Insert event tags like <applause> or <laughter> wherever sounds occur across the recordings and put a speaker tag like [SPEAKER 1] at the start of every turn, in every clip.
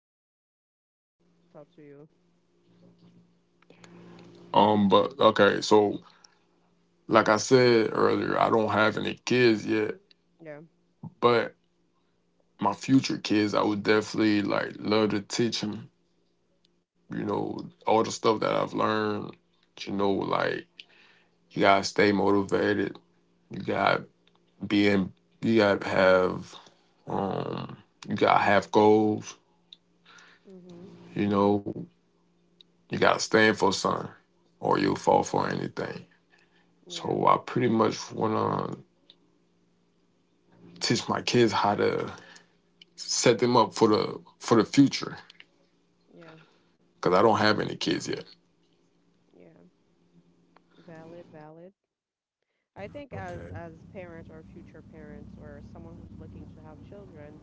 [SPEAKER 1] or anybody who looks up to you? Yeah. Mm-hmm. Yeah. Yeah. Yeah. Valid, valid. I think as
[SPEAKER 2] Okay,
[SPEAKER 1] as parents or future parents or someone who's looking to have children,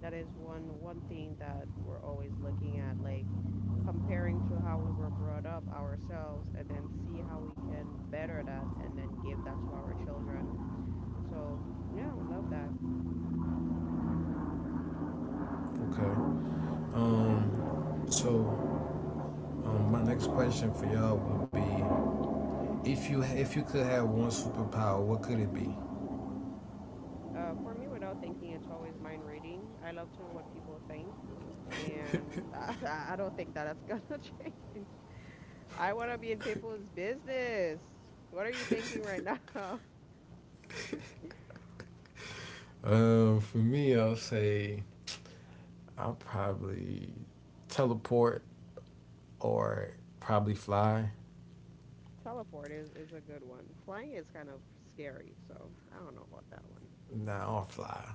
[SPEAKER 1] that is one thing that we're always looking at, like comparing to how we were brought up ourselves and then see how we can better that and then give that to our children. So yeah, I love that.
[SPEAKER 2] okay.
[SPEAKER 1] Yep.
[SPEAKER 2] Um, so my next question for y'all would be, if you could have one superpower, what could it be?
[SPEAKER 1] For me, without thinking, it's always mind reading. I love to know what people think, and <laughs> I don't think that that's gonna <laughs> change. I want to be in people's business. What are you thinking right now?
[SPEAKER 2] For me, I'll say I'll probably teleport or probably fly.
[SPEAKER 1] <laughs> Teleport is a good one. Flying is kind of scary, so I don't know about that one.
[SPEAKER 2] Nah, I'll fly.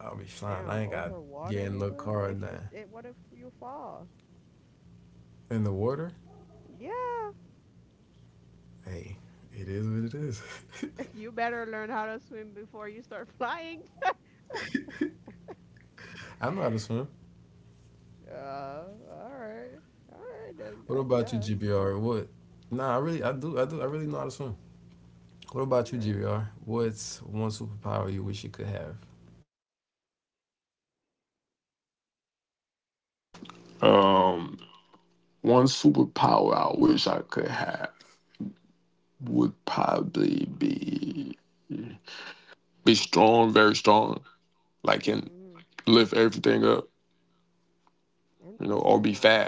[SPEAKER 2] I'll be flying. I
[SPEAKER 1] Damn,
[SPEAKER 2] ain't got
[SPEAKER 1] over water,
[SPEAKER 2] get in no
[SPEAKER 1] nigga.
[SPEAKER 2] car or
[SPEAKER 1] If you,
[SPEAKER 2] nothing.
[SPEAKER 1] eh, what if you fall?
[SPEAKER 2] In the water?
[SPEAKER 1] Yeah,
[SPEAKER 2] Hey, it is what it is. <laughs>
[SPEAKER 1] <laughs> you better learn how to swim before you start <laughs> flying.
[SPEAKER 2] I know how to swim.
[SPEAKER 1] All right, all right then.
[SPEAKER 2] What
[SPEAKER 1] I
[SPEAKER 2] about you,
[SPEAKER 1] guess.
[SPEAKER 2] GBR? What? Nah, I really, I do, I do, I really know how to swim. What
[SPEAKER 1] All
[SPEAKER 2] about you,
[SPEAKER 1] right.
[SPEAKER 2] GBR? What's one superpower you wish you could have?
[SPEAKER 1] Mm, interesting one.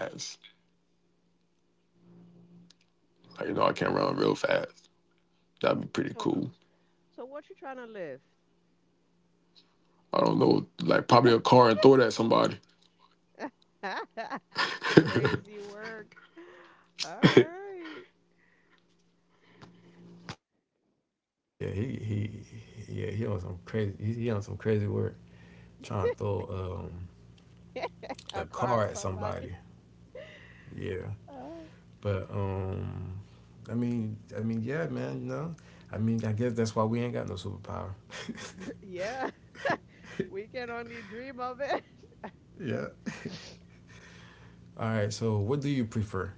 [SPEAKER 1] So, so so what you trying to lift? <laughs> Crazy work. <laughs> All right.
[SPEAKER 2] Yeah, he on some crazy, he on some crazy work, trying to throw
[SPEAKER 1] <laughs> I
[SPEAKER 2] a
[SPEAKER 1] called
[SPEAKER 2] car at
[SPEAKER 1] somebody.
[SPEAKER 2] somebody. Yeah,
[SPEAKER 1] Uh,
[SPEAKER 2] but I mean, yeah, man. You know, I mean, I guess that's why we ain't got no superpower.
[SPEAKER 1] yeah,
[SPEAKER 2] <laughs>
[SPEAKER 1] <laughs> we can only dream of it.
[SPEAKER 2] All right. So, what do you prefer,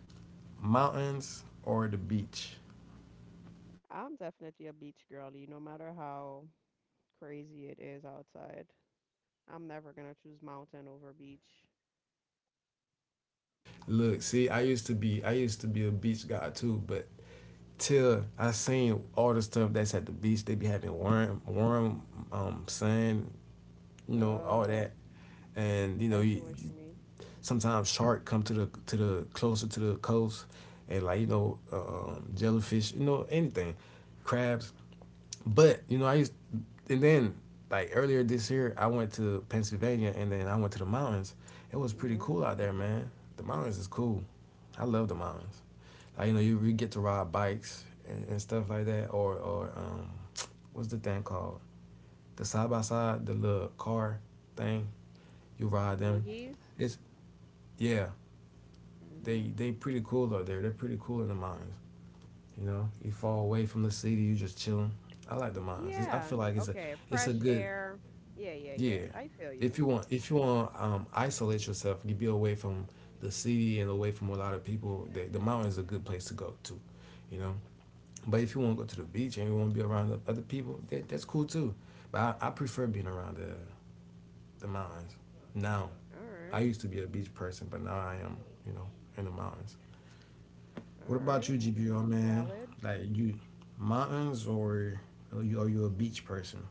[SPEAKER 2] mountains or the beach?
[SPEAKER 1] <laughs> I'm definitely a beach girlie, no matter how crazy it is outside. I'm never gonna choose mountain over beach.
[SPEAKER 2] Look, see, I used to be a beach guy too, but till I seen all the stuff that's at the beach, they be having warm sand, you know, all that,
[SPEAKER 1] Oh,
[SPEAKER 2] and you know,
[SPEAKER 1] I see
[SPEAKER 2] you,
[SPEAKER 1] what you mean.
[SPEAKER 2] sometimes shark come to the closer to the coast, and like you know,
[SPEAKER 1] Mhm.
[SPEAKER 2] jellyfish, you know, anything, crabs. But you know, I used, and then like earlier this year, I went to Pennsylvania, and then I went to the mountains. It was pretty
[SPEAKER 1] Mhm.
[SPEAKER 2] cool out there, man. The mountains is cool. I love the mountains. Like you know, you get to ride bikes and stuff like that, or what's the thing called? The side by side, the little car thing. You ride them.
[SPEAKER 1] Boogies.
[SPEAKER 2] It's yeah,
[SPEAKER 1] Mhm.
[SPEAKER 2] they pretty cool out there. They're pretty cool in the mines. You know, you fall away from the city, you just chilling. I like the mines. It's, I
[SPEAKER 1] Yeah.
[SPEAKER 2] feel like
[SPEAKER 1] Okay.
[SPEAKER 2] it's a
[SPEAKER 1] Fresh
[SPEAKER 2] good
[SPEAKER 1] air. Yeah, yeah,
[SPEAKER 2] yeah.
[SPEAKER 1] yeah. I feel
[SPEAKER 2] If
[SPEAKER 1] you.
[SPEAKER 2] you want if you want isolate yourself, you be away from the city and away from a lot of people. The mountain is a good place to go to, you know. But if you want to go to the beach and you want to be around the other people, that's cool too. But I prefer being around the mountains. Now
[SPEAKER 1] All
[SPEAKER 2] I
[SPEAKER 1] right.
[SPEAKER 2] used to be a beach person, but now I am you know in the mountains.
[SPEAKER 1] All
[SPEAKER 2] What about
[SPEAKER 1] right.
[SPEAKER 2] you, GPR man?
[SPEAKER 1] Valid.
[SPEAKER 2] Like you, mountains or are you a beach person?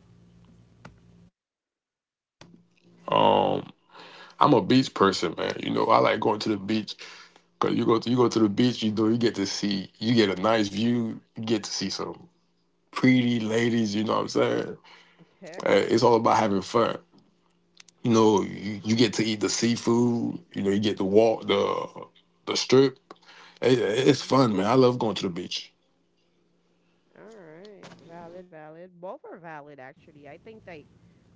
[SPEAKER 1] <laughs> Mhm. All right, valid, valid. Both are valid actually. I think that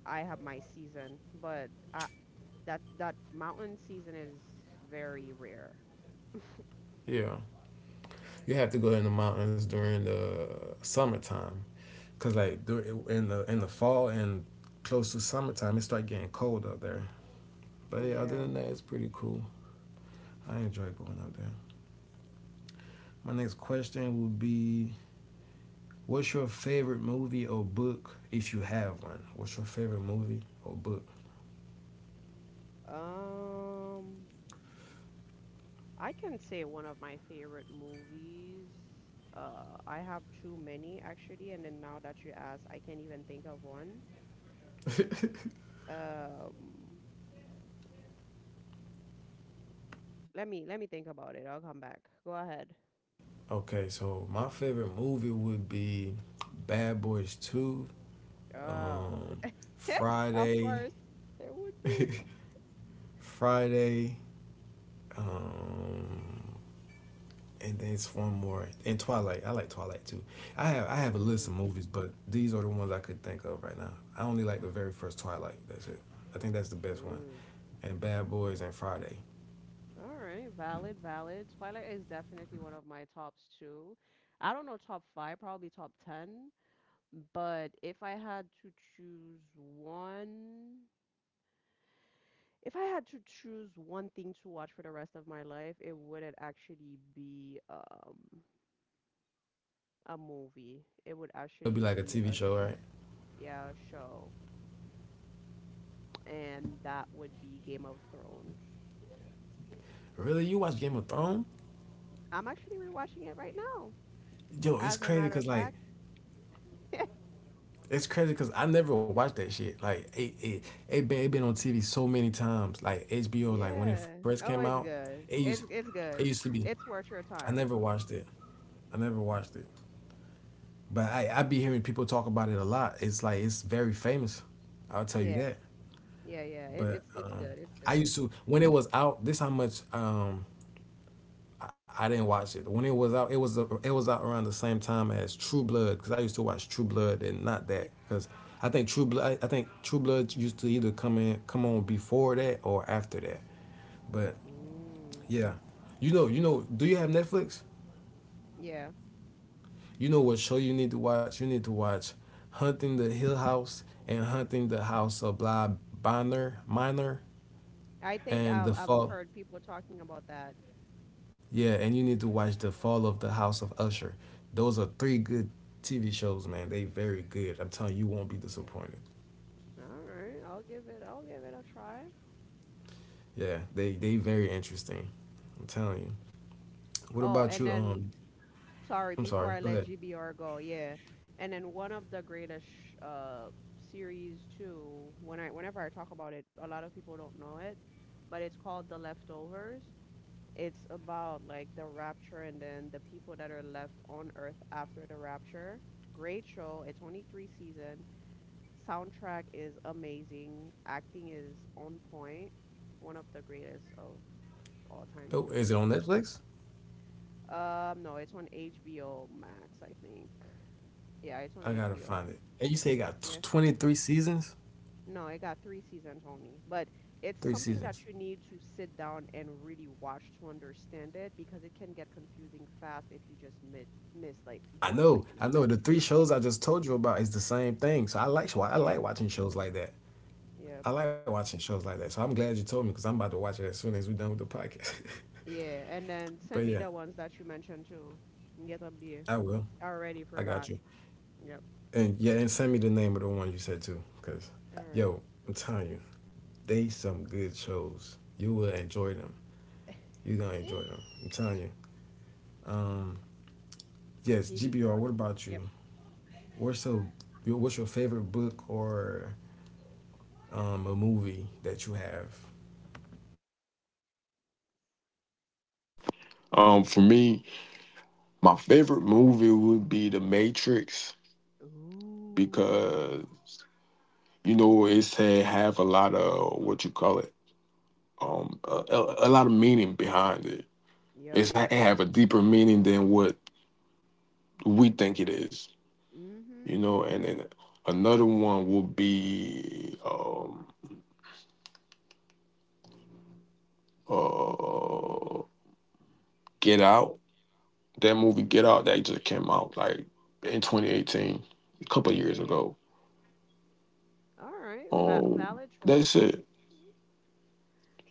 [SPEAKER 1] I have my season, but I, that that mountain season is very rare.
[SPEAKER 2] Yeah, you have to go in the mountains during the summertime, cause like in the fall and close to summertime, it start getting cold up there. But yeah, other
[SPEAKER 1] Yeah.
[SPEAKER 2] than that, it's pretty cool. I enjoy going up there. My next question would be, what's your favorite movie or book if you have one? What's your favorite movie or book?
[SPEAKER 1] Um, I can say one of my favorite movies. I have too many actually, and then now that you ask, I can't even think of one. Um, let me think about it. I'll come back. Go ahead.
[SPEAKER 2] Okay, so my favorite movie would be Bad Boys 2,
[SPEAKER 1] Oh,
[SPEAKER 2] um,
[SPEAKER 1] <laughs> of
[SPEAKER 2] Friday,
[SPEAKER 1] course, there would be.
[SPEAKER 2] <laughs> Friday, um, and then it's one more. And Twilight. I like Twilight too. I have a list of
[SPEAKER 1] Ooh.
[SPEAKER 2] movies, but these are the ones I could think of right now. I only like the very first Twilight. That's it. I think that's the best one.
[SPEAKER 1] Ooh,
[SPEAKER 2] And Bad Boys and Friday.
[SPEAKER 1] all right, valid, valid. Twilight is definitely one of my tops too. I don't know top five, probably top ten, but if I had to choose one, if I had to choose one thing to watch for the rest of my life, it wouldn't actually be a movie. It would
[SPEAKER 2] It'll be
[SPEAKER 1] actually
[SPEAKER 2] like a
[SPEAKER 1] be
[SPEAKER 2] TV show, right?
[SPEAKER 1] a show, and that would be Game of Thrones.
[SPEAKER 2] Really? You watch Game of Thrones?
[SPEAKER 1] I'm actually rewatching it right now,
[SPEAKER 2] Yo, it's
[SPEAKER 1] as a
[SPEAKER 2] crazy
[SPEAKER 1] matter
[SPEAKER 2] because
[SPEAKER 1] of
[SPEAKER 2] like
[SPEAKER 1] fact. <laughs>
[SPEAKER 2] it's crazy because I never watched that shit. Like it been on TV so many times. Like HBO, like when it
[SPEAKER 1] Yeah.
[SPEAKER 2] first came
[SPEAKER 1] Oh,
[SPEAKER 2] out,
[SPEAKER 1] it's
[SPEAKER 2] it
[SPEAKER 1] good.
[SPEAKER 2] used
[SPEAKER 1] It's
[SPEAKER 2] it
[SPEAKER 1] good.
[SPEAKER 2] used to be.
[SPEAKER 1] It's worth your
[SPEAKER 2] I never
[SPEAKER 1] time.
[SPEAKER 2] watched it. I never watched it. But I be hearing people talk about it a lot. It's like it's very famous. I'll tell you
[SPEAKER 1] Yeah.
[SPEAKER 2] that.
[SPEAKER 1] Yeah. Yeah. It,
[SPEAKER 2] But
[SPEAKER 1] it's it's good. It's
[SPEAKER 2] I
[SPEAKER 1] good.
[SPEAKER 2] used to when it was out. This how much I didn't watch it when it was out. It was a, it was out around the same time as True Blood because I used to watch True Blood and not
[SPEAKER 1] Yeah.
[SPEAKER 2] that because I think True Blood used to either come on before that or after that. But
[SPEAKER 1] Mm.
[SPEAKER 2] yeah, you know. Do you have Netflix?
[SPEAKER 1] Yeah.
[SPEAKER 2] You know what show you need to watch? You need to watch Hunting the Hill House and Hunting the House of Bly Bonner Minor
[SPEAKER 1] I think
[SPEAKER 2] and
[SPEAKER 1] I've
[SPEAKER 2] the
[SPEAKER 1] I've
[SPEAKER 2] Fall.
[SPEAKER 1] heard people talking about that.
[SPEAKER 2] Yeah, and you need to watch The Fall of the House of Usher. Those are three good TV shows, man. They very good. I'm telling you, you won't be disappointed.
[SPEAKER 1] All right. I'll give it. I'll give it a try.
[SPEAKER 2] Yeah, they very interesting. I'm telling you. What
[SPEAKER 1] Oh,
[SPEAKER 2] about
[SPEAKER 1] and
[SPEAKER 2] you?
[SPEAKER 1] then sorry
[SPEAKER 2] I'm sorry.
[SPEAKER 1] before I
[SPEAKER 2] Go
[SPEAKER 1] let
[SPEAKER 2] ahead.
[SPEAKER 1] GBR go. Yeah. And then one of the greatest series too. Whenever I talk about it, a lot of people don't know it, but it's called The Leftovers. It's about like the rapture and then the people that are left on earth after the rapture. Great show. It's only three season. Soundtrack is amazing. Acting is on point. One of the greatest of all time
[SPEAKER 2] Oh,
[SPEAKER 1] too.
[SPEAKER 2] is it on Netflix?
[SPEAKER 1] No, it's on HBO Max, I think. Yeah, it's on
[SPEAKER 2] I gotta
[SPEAKER 1] HBO.
[SPEAKER 2] find it. And you say it got t- 23 seasons?
[SPEAKER 1] No, it got three seasons only, but it's
[SPEAKER 2] Three
[SPEAKER 1] something that
[SPEAKER 2] seasons.
[SPEAKER 1] you need to sit down and really watch to understand it because it can get confusing fast if you just mi miss like
[SPEAKER 2] I
[SPEAKER 1] one
[SPEAKER 2] know,
[SPEAKER 1] second
[SPEAKER 2] I
[SPEAKER 1] of it.
[SPEAKER 2] know. The three
[SPEAKER 1] Yeah,
[SPEAKER 2] shows I just told you about is the same thing. So I
[SPEAKER 1] yeah,
[SPEAKER 2] like watching shows like that.
[SPEAKER 1] yeah,
[SPEAKER 2] I like watching shows like that. So I'm glad you told me because I'm about to watch it as soon as we're done with the podcast.
[SPEAKER 1] yeah. And then
[SPEAKER 2] <laughs>
[SPEAKER 1] send
[SPEAKER 2] But
[SPEAKER 1] me
[SPEAKER 2] yeah,
[SPEAKER 1] the ones that you mentioned too. Get up there.
[SPEAKER 2] I will.
[SPEAKER 1] I already
[SPEAKER 2] I got
[SPEAKER 1] forgot.
[SPEAKER 2] you.
[SPEAKER 1] Yep.
[SPEAKER 2] And yeah, and send me the name of the one you said too, cause
[SPEAKER 1] All right.
[SPEAKER 2] yo, I'm telling you, they some good shows. You will enjoy them. You gonna enjoy them. I'm
[SPEAKER 1] Eh,
[SPEAKER 2] telling you. Um, yes,
[SPEAKER 1] GB.
[SPEAKER 2] GBR. What about
[SPEAKER 1] Yep.
[SPEAKER 2] you? What's your what's your favorite book or a movie that you have?
[SPEAKER 1] Ooh. Yep, yep, yep. Mm-hmm, mm-hmm. Ooh. Yeah, yeah, yeah. All right. Va valid choice.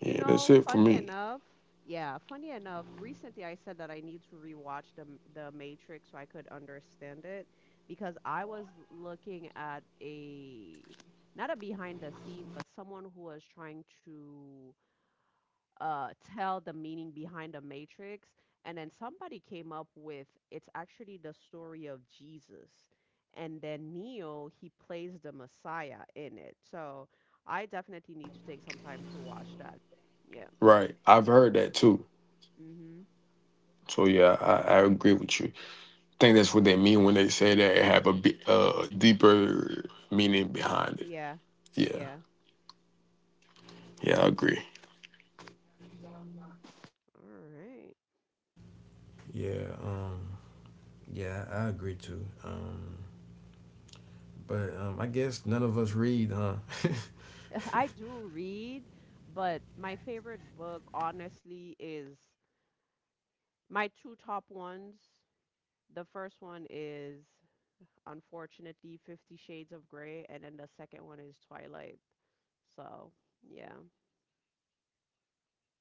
[SPEAKER 1] You know, funny enough, recently I said that I need to rewatch the Matrix so I could understand it because I was looking at a not a behind the scene, but someone who was trying to uh tell the meaning behind the Matrix, and then somebody came up with it's actually the story of Jesus. And then Neo, he plays the Messiah in it. So I definitely need to take some time to watch that. Yeah. Mhm. Yeah. Yeah. All right.
[SPEAKER 2] Yeah, yeah, I agree too. But I guess none of us read, huh?
[SPEAKER 1] <laughs> I
[SPEAKER 2] <laughs>
[SPEAKER 1] do read, but my favorite book honestly is my two top ones. The first one is unfortunately Fifty Shades of Grey and then the second one is Twilight. So, yeah.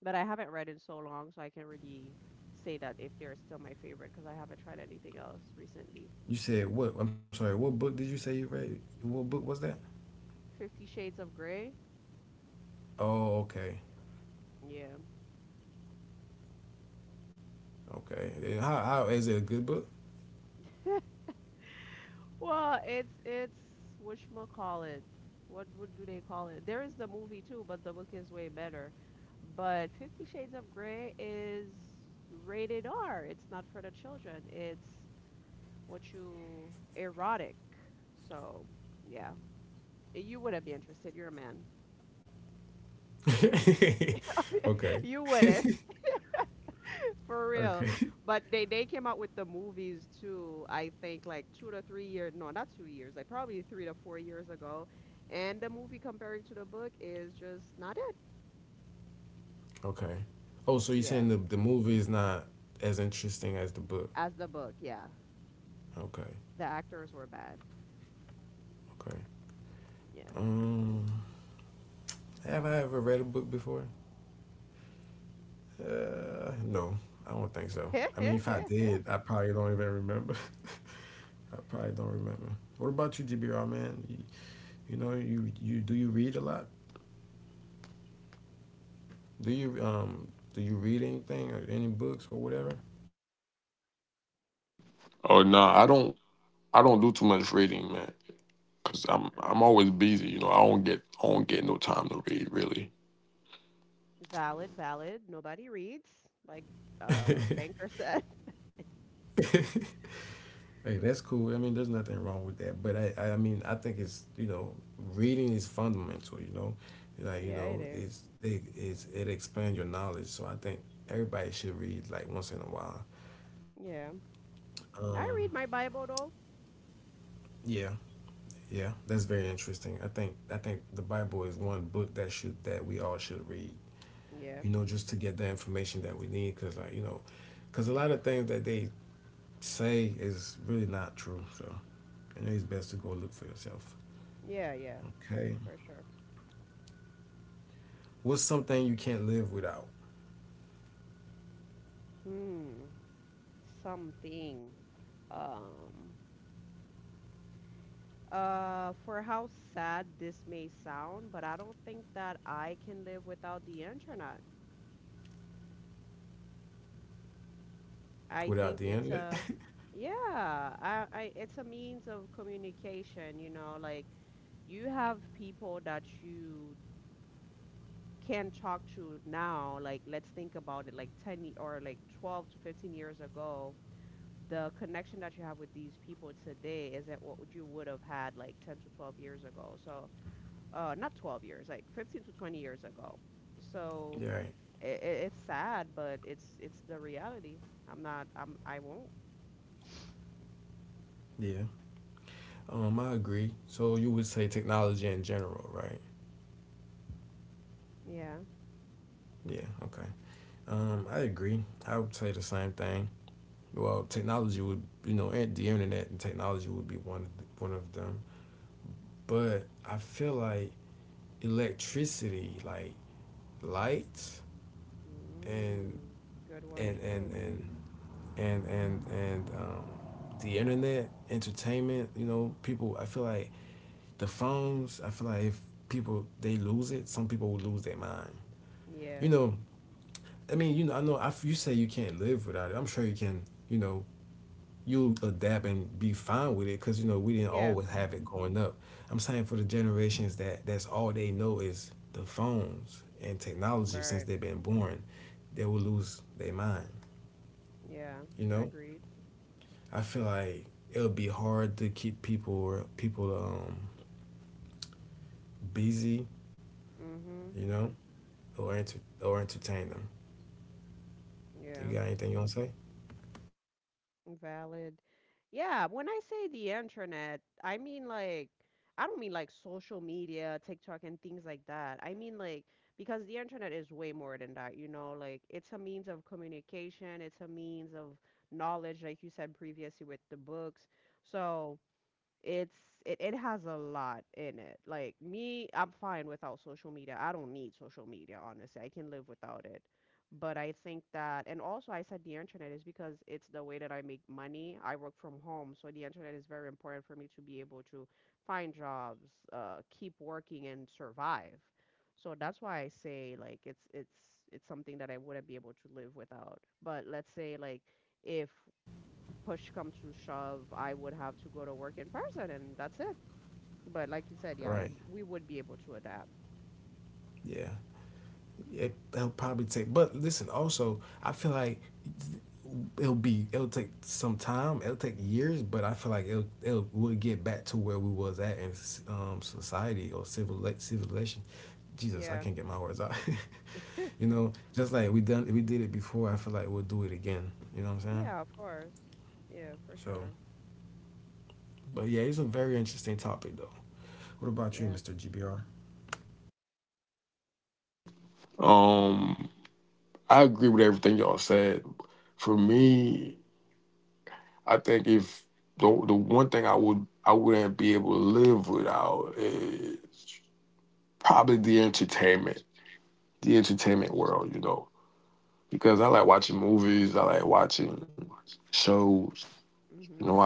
[SPEAKER 1] But I haven't read in so long, so I can't really say that if they're still my favorite because I haven't tried anything else recently.
[SPEAKER 2] You said what? I'm sorry. What book did you say you read? What book was that?
[SPEAKER 1] Fifty Shades of Grey?
[SPEAKER 2] Oh, okay.
[SPEAKER 1] Yeah.
[SPEAKER 2] Okay. How is it a good book?
[SPEAKER 1] Well, it's what you call it. What do they call it? There is the movie too, but the book is way better. But Fifty Shades of Grey is rated R. It's not for the children. It's what you erotic. So yeah, you wouldn't be interested. You're a man.
[SPEAKER 2] <laughs>
[SPEAKER 1] <laughs>
[SPEAKER 2] Okay.
[SPEAKER 1] You wouldn't. For real.
[SPEAKER 2] Okay.
[SPEAKER 1] But they came out with the movies too, I think like 2 to 3 years, no, not 2 years, like probably 3 to 4 years ago. And the movie comparing to the book is just not it.
[SPEAKER 2] Okay. Oh, so you're
[SPEAKER 1] Yeah.
[SPEAKER 2] saying the movie is not as interesting as the book?
[SPEAKER 1] As the book, yeah.
[SPEAKER 2] Okay.
[SPEAKER 1] The actors were bad.
[SPEAKER 2] Okay.
[SPEAKER 1] Yeah.
[SPEAKER 2] Um, have I ever read a book before? No, I don't think so.
[SPEAKER 1] <laughs> All
[SPEAKER 2] I mean, if I did, I probably don't even remember. <laughs> I probably don't remember. What about you, GBR man? You know, you do you read a lot? Do you read anything or any books or whatever?
[SPEAKER 1] right. Valid, valid. Nobody reads, like Banker said. <laughs>
[SPEAKER 2] <laughs> Hey, that's cool. I mean, there's nothing wrong with that. But I mean, I think it's you know, reading is fundamental. You know, like you
[SPEAKER 1] Yeah, it
[SPEAKER 2] know,
[SPEAKER 1] is.
[SPEAKER 2] it expands your knowledge. So I think everybody should read like once in a while.
[SPEAKER 1] Yeah.
[SPEAKER 2] Um,
[SPEAKER 1] I read my Bible though.
[SPEAKER 2] yeah, yeah, that's very interesting. I think the Bible is one book that should that we all should read.
[SPEAKER 1] Yeah.
[SPEAKER 2] You know, just to get the information that we need, because like you know, because a lot of things that they say is really not true. So, you know, it's best to go look for yourself.
[SPEAKER 1] Yeah, yeah,
[SPEAKER 2] Okay.
[SPEAKER 1] for sure.
[SPEAKER 2] What's something you can't live without?
[SPEAKER 1] Hmm. Something. Um, for how sad this may sound, but I don't think that I can live without the internet. I
[SPEAKER 2] Without
[SPEAKER 1] think
[SPEAKER 2] the
[SPEAKER 1] it's
[SPEAKER 2] internet?
[SPEAKER 1] a,
[SPEAKER 2] <laughs>
[SPEAKER 1] yeah, it's a means of communication, you know, like you have people that you can talk to now. Like, let's think about it, like 10 or like 12 to 15 years ago. The connection that you have with these people today isn't what you would have had like 10 to 12 years ago. So not 12 years like 15 to 20 years ago so
[SPEAKER 2] Yeah, right.
[SPEAKER 1] it's sad but it's the reality. I'm not, I'm, I won't.
[SPEAKER 2] Yeah. I agree. So you would say technology in general, right?
[SPEAKER 1] Yeah.
[SPEAKER 2] Yeah. Okay. I agree. I would say the same thing. Well, technology would, you know, and the internet and technology would be one of the, one of them. But I feel like electricity, like lights, and
[SPEAKER 1] Mm, good one
[SPEAKER 2] and and
[SPEAKER 1] too.
[SPEAKER 2] and and and and um, the internet, entertainment. You know, people. I feel like the phones, I feel like if people they lose it, some people will lose their mind.
[SPEAKER 1] Yeah.
[SPEAKER 2] You know, I mean, you know, I know if you say you can't live without it, I'm sure you can. You know, you adapt and be fine with it because you know we didn't
[SPEAKER 1] Yeah.
[SPEAKER 2] always have it growing up. I'm saying for the generations that that's all they know is the phones and technology
[SPEAKER 1] Right.
[SPEAKER 2] since they've been born, they will lose their mind.
[SPEAKER 1] Yeah.
[SPEAKER 2] You know,
[SPEAKER 1] Agreed.
[SPEAKER 2] I feel like it'll be hard to keep people or people busy.
[SPEAKER 1] Mhm.
[SPEAKER 2] You know, or entertain them. You
[SPEAKER 1] Yeah.
[SPEAKER 2] got anything you want to say?
[SPEAKER 1] Valid. Yeah, when I say the internet, I mean like I don't mean like social media, TikTok and things like that. I mean like because the internet is way more than that, you know, like it's a means of communication, it's a means of knowledge like you said previously with the books. So, it's it has a lot in it. Like me, I'm fine without social media. I don't need social media, honestly. I can live without it. But I think that, and also I said the internet is because it's the way that I make money. I work from home, so the internet is very important for me to be able to find jobs, keep working and survive. So that's why I say like it's something that I wouldn't be able to live without. But let's say like if push come to shove, I would have to go to work in person, and that's it. But like you said, yeah,
[SPEAKER 2] Right.
[SPEAKER 1] we would be able to adapt.
[SPEAKER 2] Yeah. It, it'll probably take. But listen, also, I feel like it'll take some time. It'll take years, but I feel like it'll it'll we'll get back to where we was at in society or civilization. Jesus, I
[SPEAKER 1] Yeah.
[SPEAKER 2] can't get my words out. <laughs> You know, just like we did it before. I feel like we'll do it again. You know what I'm saying?
[SPEAKER 1] Yeah, of course. Yeah, for
[SPEAKER 2] So,
[SPEAKER 1] sure.
[SPEAKER 2] but yeah, it's a very interesting topic though. What about
[SPEAKER 1] Yeah.
[SPEAKER 2] you, Mr. GBR?
[SPEAKER 1] Mhm.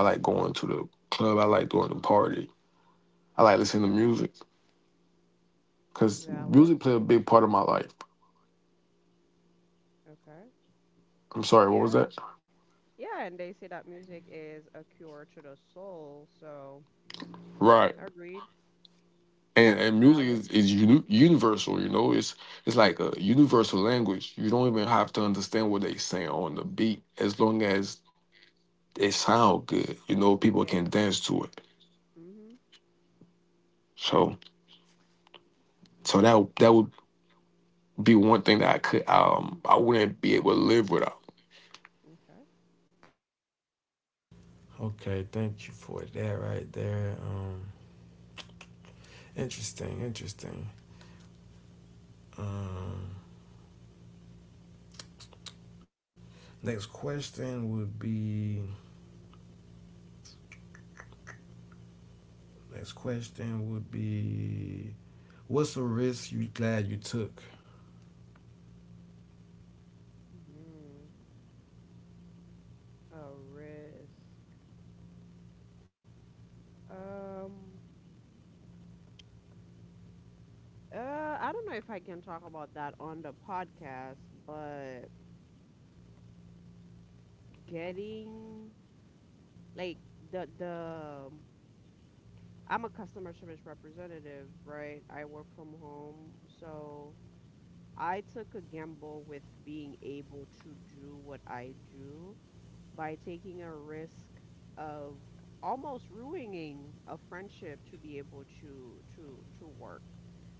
[SPEAKER 1] Okay. Valid. Okay. Yeah. Yeah, and they say that music is a cure to the soul, so agreed. Valid. Yeah. Mhm. Okay.
[SPEAKER 2] Okay, thank you for that right there. Interesting, interesting. Um, next question would be. Next question would be. What's a risk you glad you took?
[SPEAKER 1] Mhm. A risk. Um, I don't know if I can talk about that on the podcast, but getting like the I'm a customer service representative, right? I work from home, so I took a gamble with being able to do what I do by taking a risk of almost ruining a friendship to be able to work.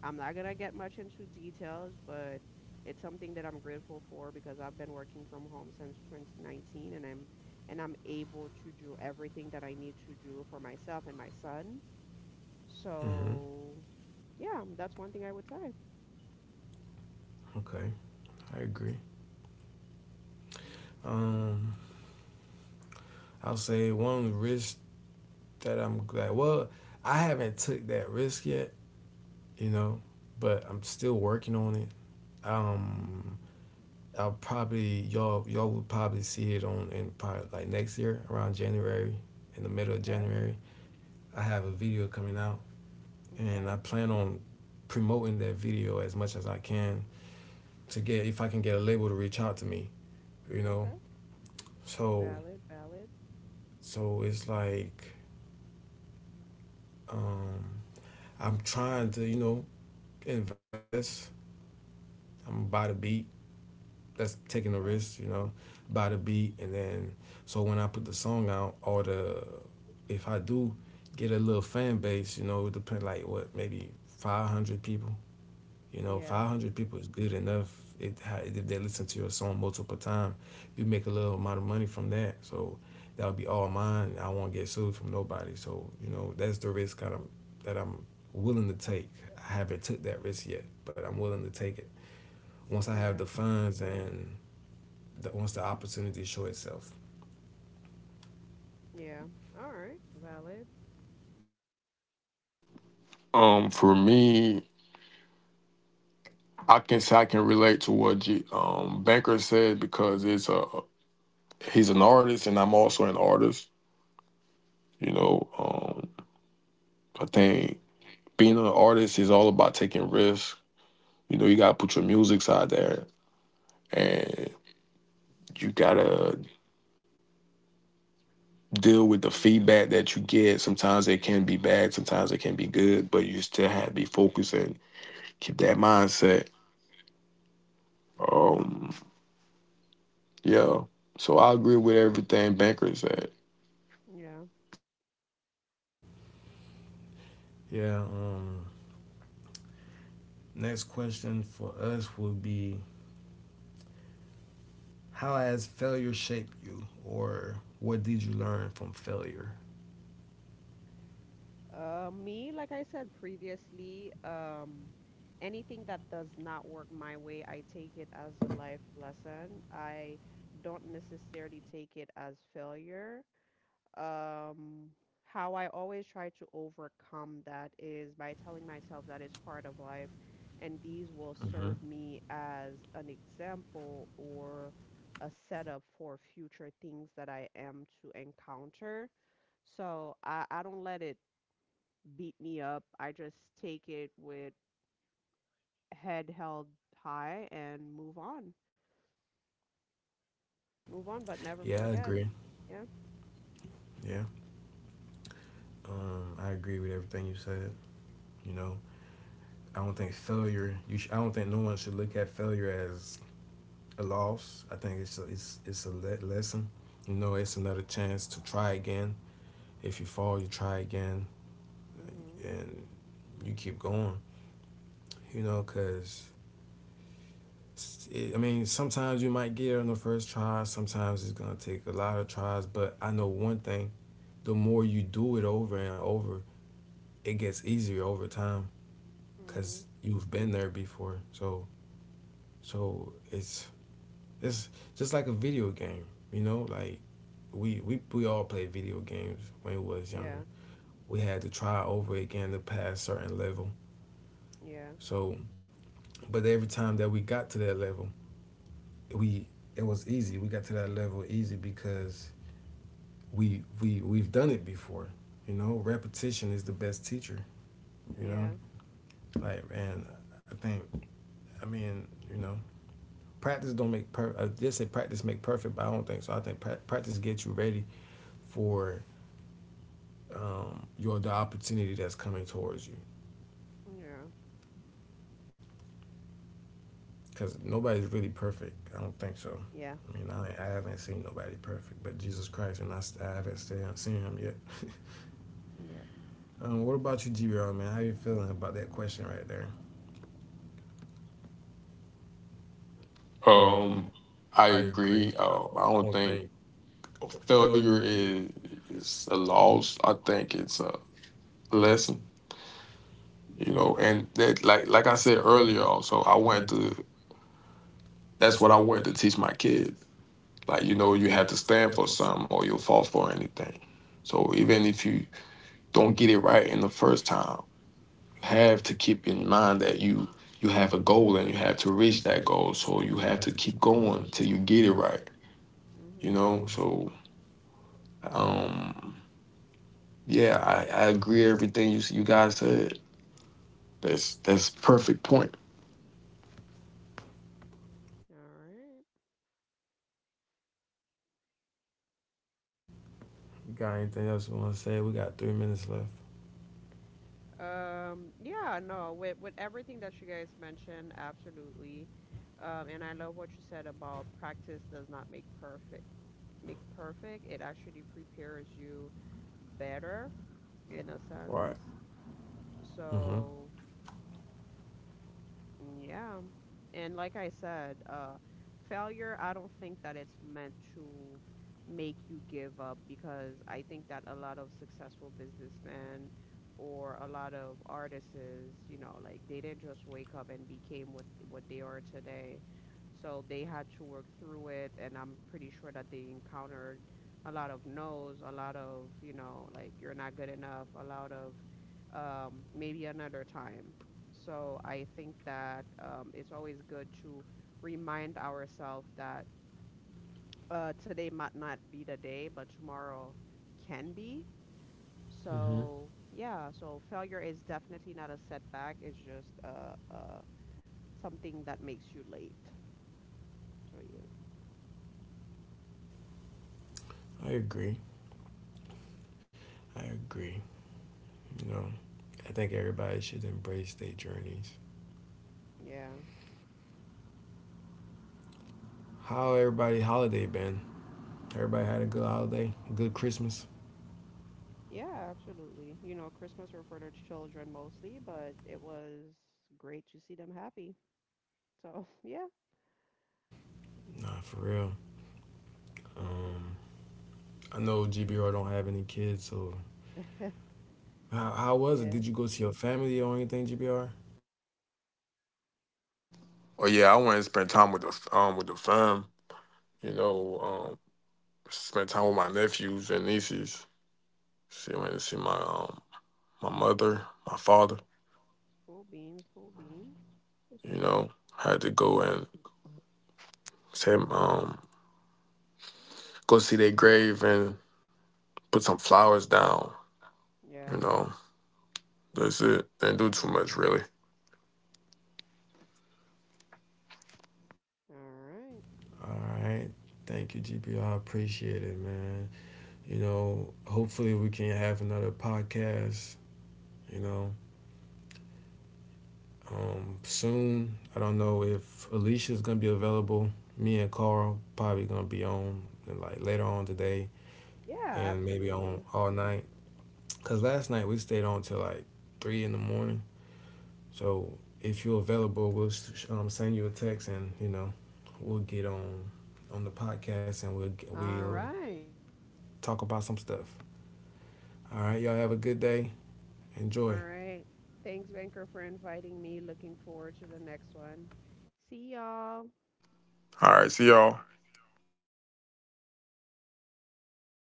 [SPEAKER 1] I'm not gonna get much into details, but it's something that I'm grateful for because I've been working from home since 2019, and I'm able to do everything that I need to do for myself and my son.
[SPEAKER 2] Mm-hmm.
[SPEAKER 1] So, yeah, that's one thing I would say.
[SPEAKER 2] Okay, I agree. Um, I'll say one risk that I'm glad. Well, I haven't took that risk yet, you know, but I'm still working on it.
[SPEAKER 1] Hmm.
[SPEAKER 2] Um, I'll probably y'all will probably see it on in probably like next year around January, in the middle of
[SPEAKER 1] Okay.
[SPEAKER 2] January. I have a video coming out, and I
[SPEAKER 1] Okay.
[SPEAKER 2] plan on promoting that video as much as I can to get, if I can get a label to reach out to me, you know.
[SPEAKER 1] Okay.
[SPEAKER 2] So
[SPEAKER 1] Valid. Valid.
[SPEAKER 2] so it's like um, I'm trying to invest. I'm buy the beat. That's taking the
[SPEAKER 1] Okay.
[SPEAKER 2] risk, buy the beat, and then so when I put the song out, or the, if I do get a little fan base, you know, it depend like what maybe 500 people. You know,
[SPEAKER 1] Yeah.
[SPEAKER 2] 500 people is good enough. It, if they listen to your song multiple times, you make a little amount of money from that. So that would be all mine. I won't get sued from nobody. So you know, that's the risk kind of that I'm willing to take. I haven't took that risk yet, but I'm willing to take it once I have the
[SPEAKER 1] Yeah.
[SPEAKER 2] funds and the, once the opportunity show itself.
[SPEAKER 1] Yeah. All right. Valid. Yeah. Yeah.
[SPEAKER 2] Yeah. Next question for us would be, how has failure shaped you, or what did you learn from failure?
[SPEAKER 1] Me, like I said previously, anything that does not work my way, I take it as a life lesson. I don't necessarily take it as failure. um, how I always try to overcome that is by telling myself that it's part of life and these will serve me as an example or a setup for future things that I am to encounter. So I don't let it beat me up. I just take it with head held high and move on. Move on, but never
[SPEAKER 2] Yeah, I
[SPEAKER 1] forget.
[SPEAKER 2] agree.
[SPEAKER 1] Yeah.
[SPEAKER 2] Yeah, I agree with everything you said. You know, I don't think failure. I don't think no one should look at failure as a loss. I think it's a lesson. You know, it's another chance to try again. If you fall, you try again,
[SPEAKER 1] Mhm.
[SPEAKER 2] and you keep going. You know, cause it, I mean, sometimes you might get it on the first try. Sometimes it's gonna take a lot of tries. But I know one thing: the more you do it over and over, it gets easier over time. Cause
[SPEAKER 1] Mhm.
[SPEAKER 2] you've been there before, so so it's just like a video game, you know. Like we all played video games when we was
[SPEAKER 1] Yeah.
[SPEAKER 2] younger. We had to try over again to pass certain level.
[SPEAKER 1] Yeah.
[SPEAKER 2] So, but every time that we got to that level, we it was easy. We got to that level easy because we've done it before. You know, repetition is the best teacher. You know,
[SPEAKER 1] Yeah.
[SPEAKER 2] like and I think, I mean practice don't make per. I just say practice make perfect, but I don't think so. I think practice gets you ready for your the opportunity that's coming towards you.
[SPEAKER 1] Yeah.
[SPEAKER 2] Because nobody's really perfect. I don't think so.
[SPEAKER 1] Yeah.
[SPEAKER 2] I mean, I haven't seen nobody perfect, but Jesus Christ, and I haven't seen him yet.
[SPEAKER 1] Yep.
[SPEAKER 2] <laughs> What about you, GBR, man? How you feeling about that question right there? Um, I agree. I don't think failure is a loss. I think it's a lesson, you know. And like I said earlier, also, I want to. That's what I wanted to teach my kids. Like you know, you have to stand for something, or you'll fall for anything. So even if you don't get it right in the first time, you have to keep in mind that you have a goal and you have to reach that goal. So you have to keep going till you get it right. You
[SPEAKER 1] Mhm.
[SPEAKER 2] know. So um, yeah, I agree with everything you guys said. That's perfect point.
[SPEAKER 1] All right.
[SPEAKER 2] You got anything else you want to say? We got 3 minutes left.
[SPEAKER 1] Yeah. No. With everything that you guys mentioned, absolutely. And I love what you said about practice does not make perfect. Make perfect. It actually prepares you better in a
[SPEAKER 2] All right.
[SPEAKER 1] sense.
[SPEAKER 2] Mm-hmm.
[SPEAKER 1] So. Yeah. And like I said, failure, I don't think that it's meant to make you give up because I think that a lot of successful businessmen or a lot of artists, you know, like they didn't just wake up and became what they are today. So they had to work through it, and I'm pretty sure that they encountered a lot of no's, a lot of, you know, like you're not good enough, a lot of maybe another time. So I think that it's always good to remind ourselves that today might not be the day, but tomorrow can be.
[SPEAKER 2] Mm-hmm.
[SPEAKER 1] So yeah, so failure is definitely not a setback. It's just something that makes you late to you.
[SPEAKER 2] I agree. I agree. You know, I think everybody should embrace their journeys.
[SPEAKER 1] Yeah.
[SPEAKER 2] How everybody holiday been? Everybody had a good holiday, a good Christmas.
[SPEAKER 1] Yeah, absolutely. You know, Christmas were for the children mostly, but it was great to see them happy. So <laughs> yeah,
[SPEAKER 2] Nah, for real. Um, I know GBR don't have any kids, so how was it?
[SPEAKER 1] yeah.
[SPEAKER 2] Did you go see your family or anything, GBR?
[SPEAKER 1] Cool beans, cool beans. Yeah. All right.
[SPEAKER 2] All right. Thank you, GBR. Appreciate it, man. You know, hopefully we can have another podcast, you know, soon. I don't know if Alicia's going to be available. Me and Carl probably going to be on like later on today
[SPEAKER 1] Yeah,
[SPEAKER 2] and maybe on
[SPEAKER 1] absolutely.
[SPEAKER 2] all night. Cause last night we stayed on till like 3 in the morning. So if you're available, we'll send you a text, and you know, we'll get on the podcast, and we'll
[SPEAKER 1] All
[SPEAKER 2] we'll
[SPEAKER 1] right.
[SPEAKER 2] talk about some stuff. All right, y'all have a good day.
[SPEAKER 1] All
[SPEAKER 2] Enjoy.
[SPEAKER 1] right. Thanks, Banker, for inviting me. Looking forward to the next one. See y'all.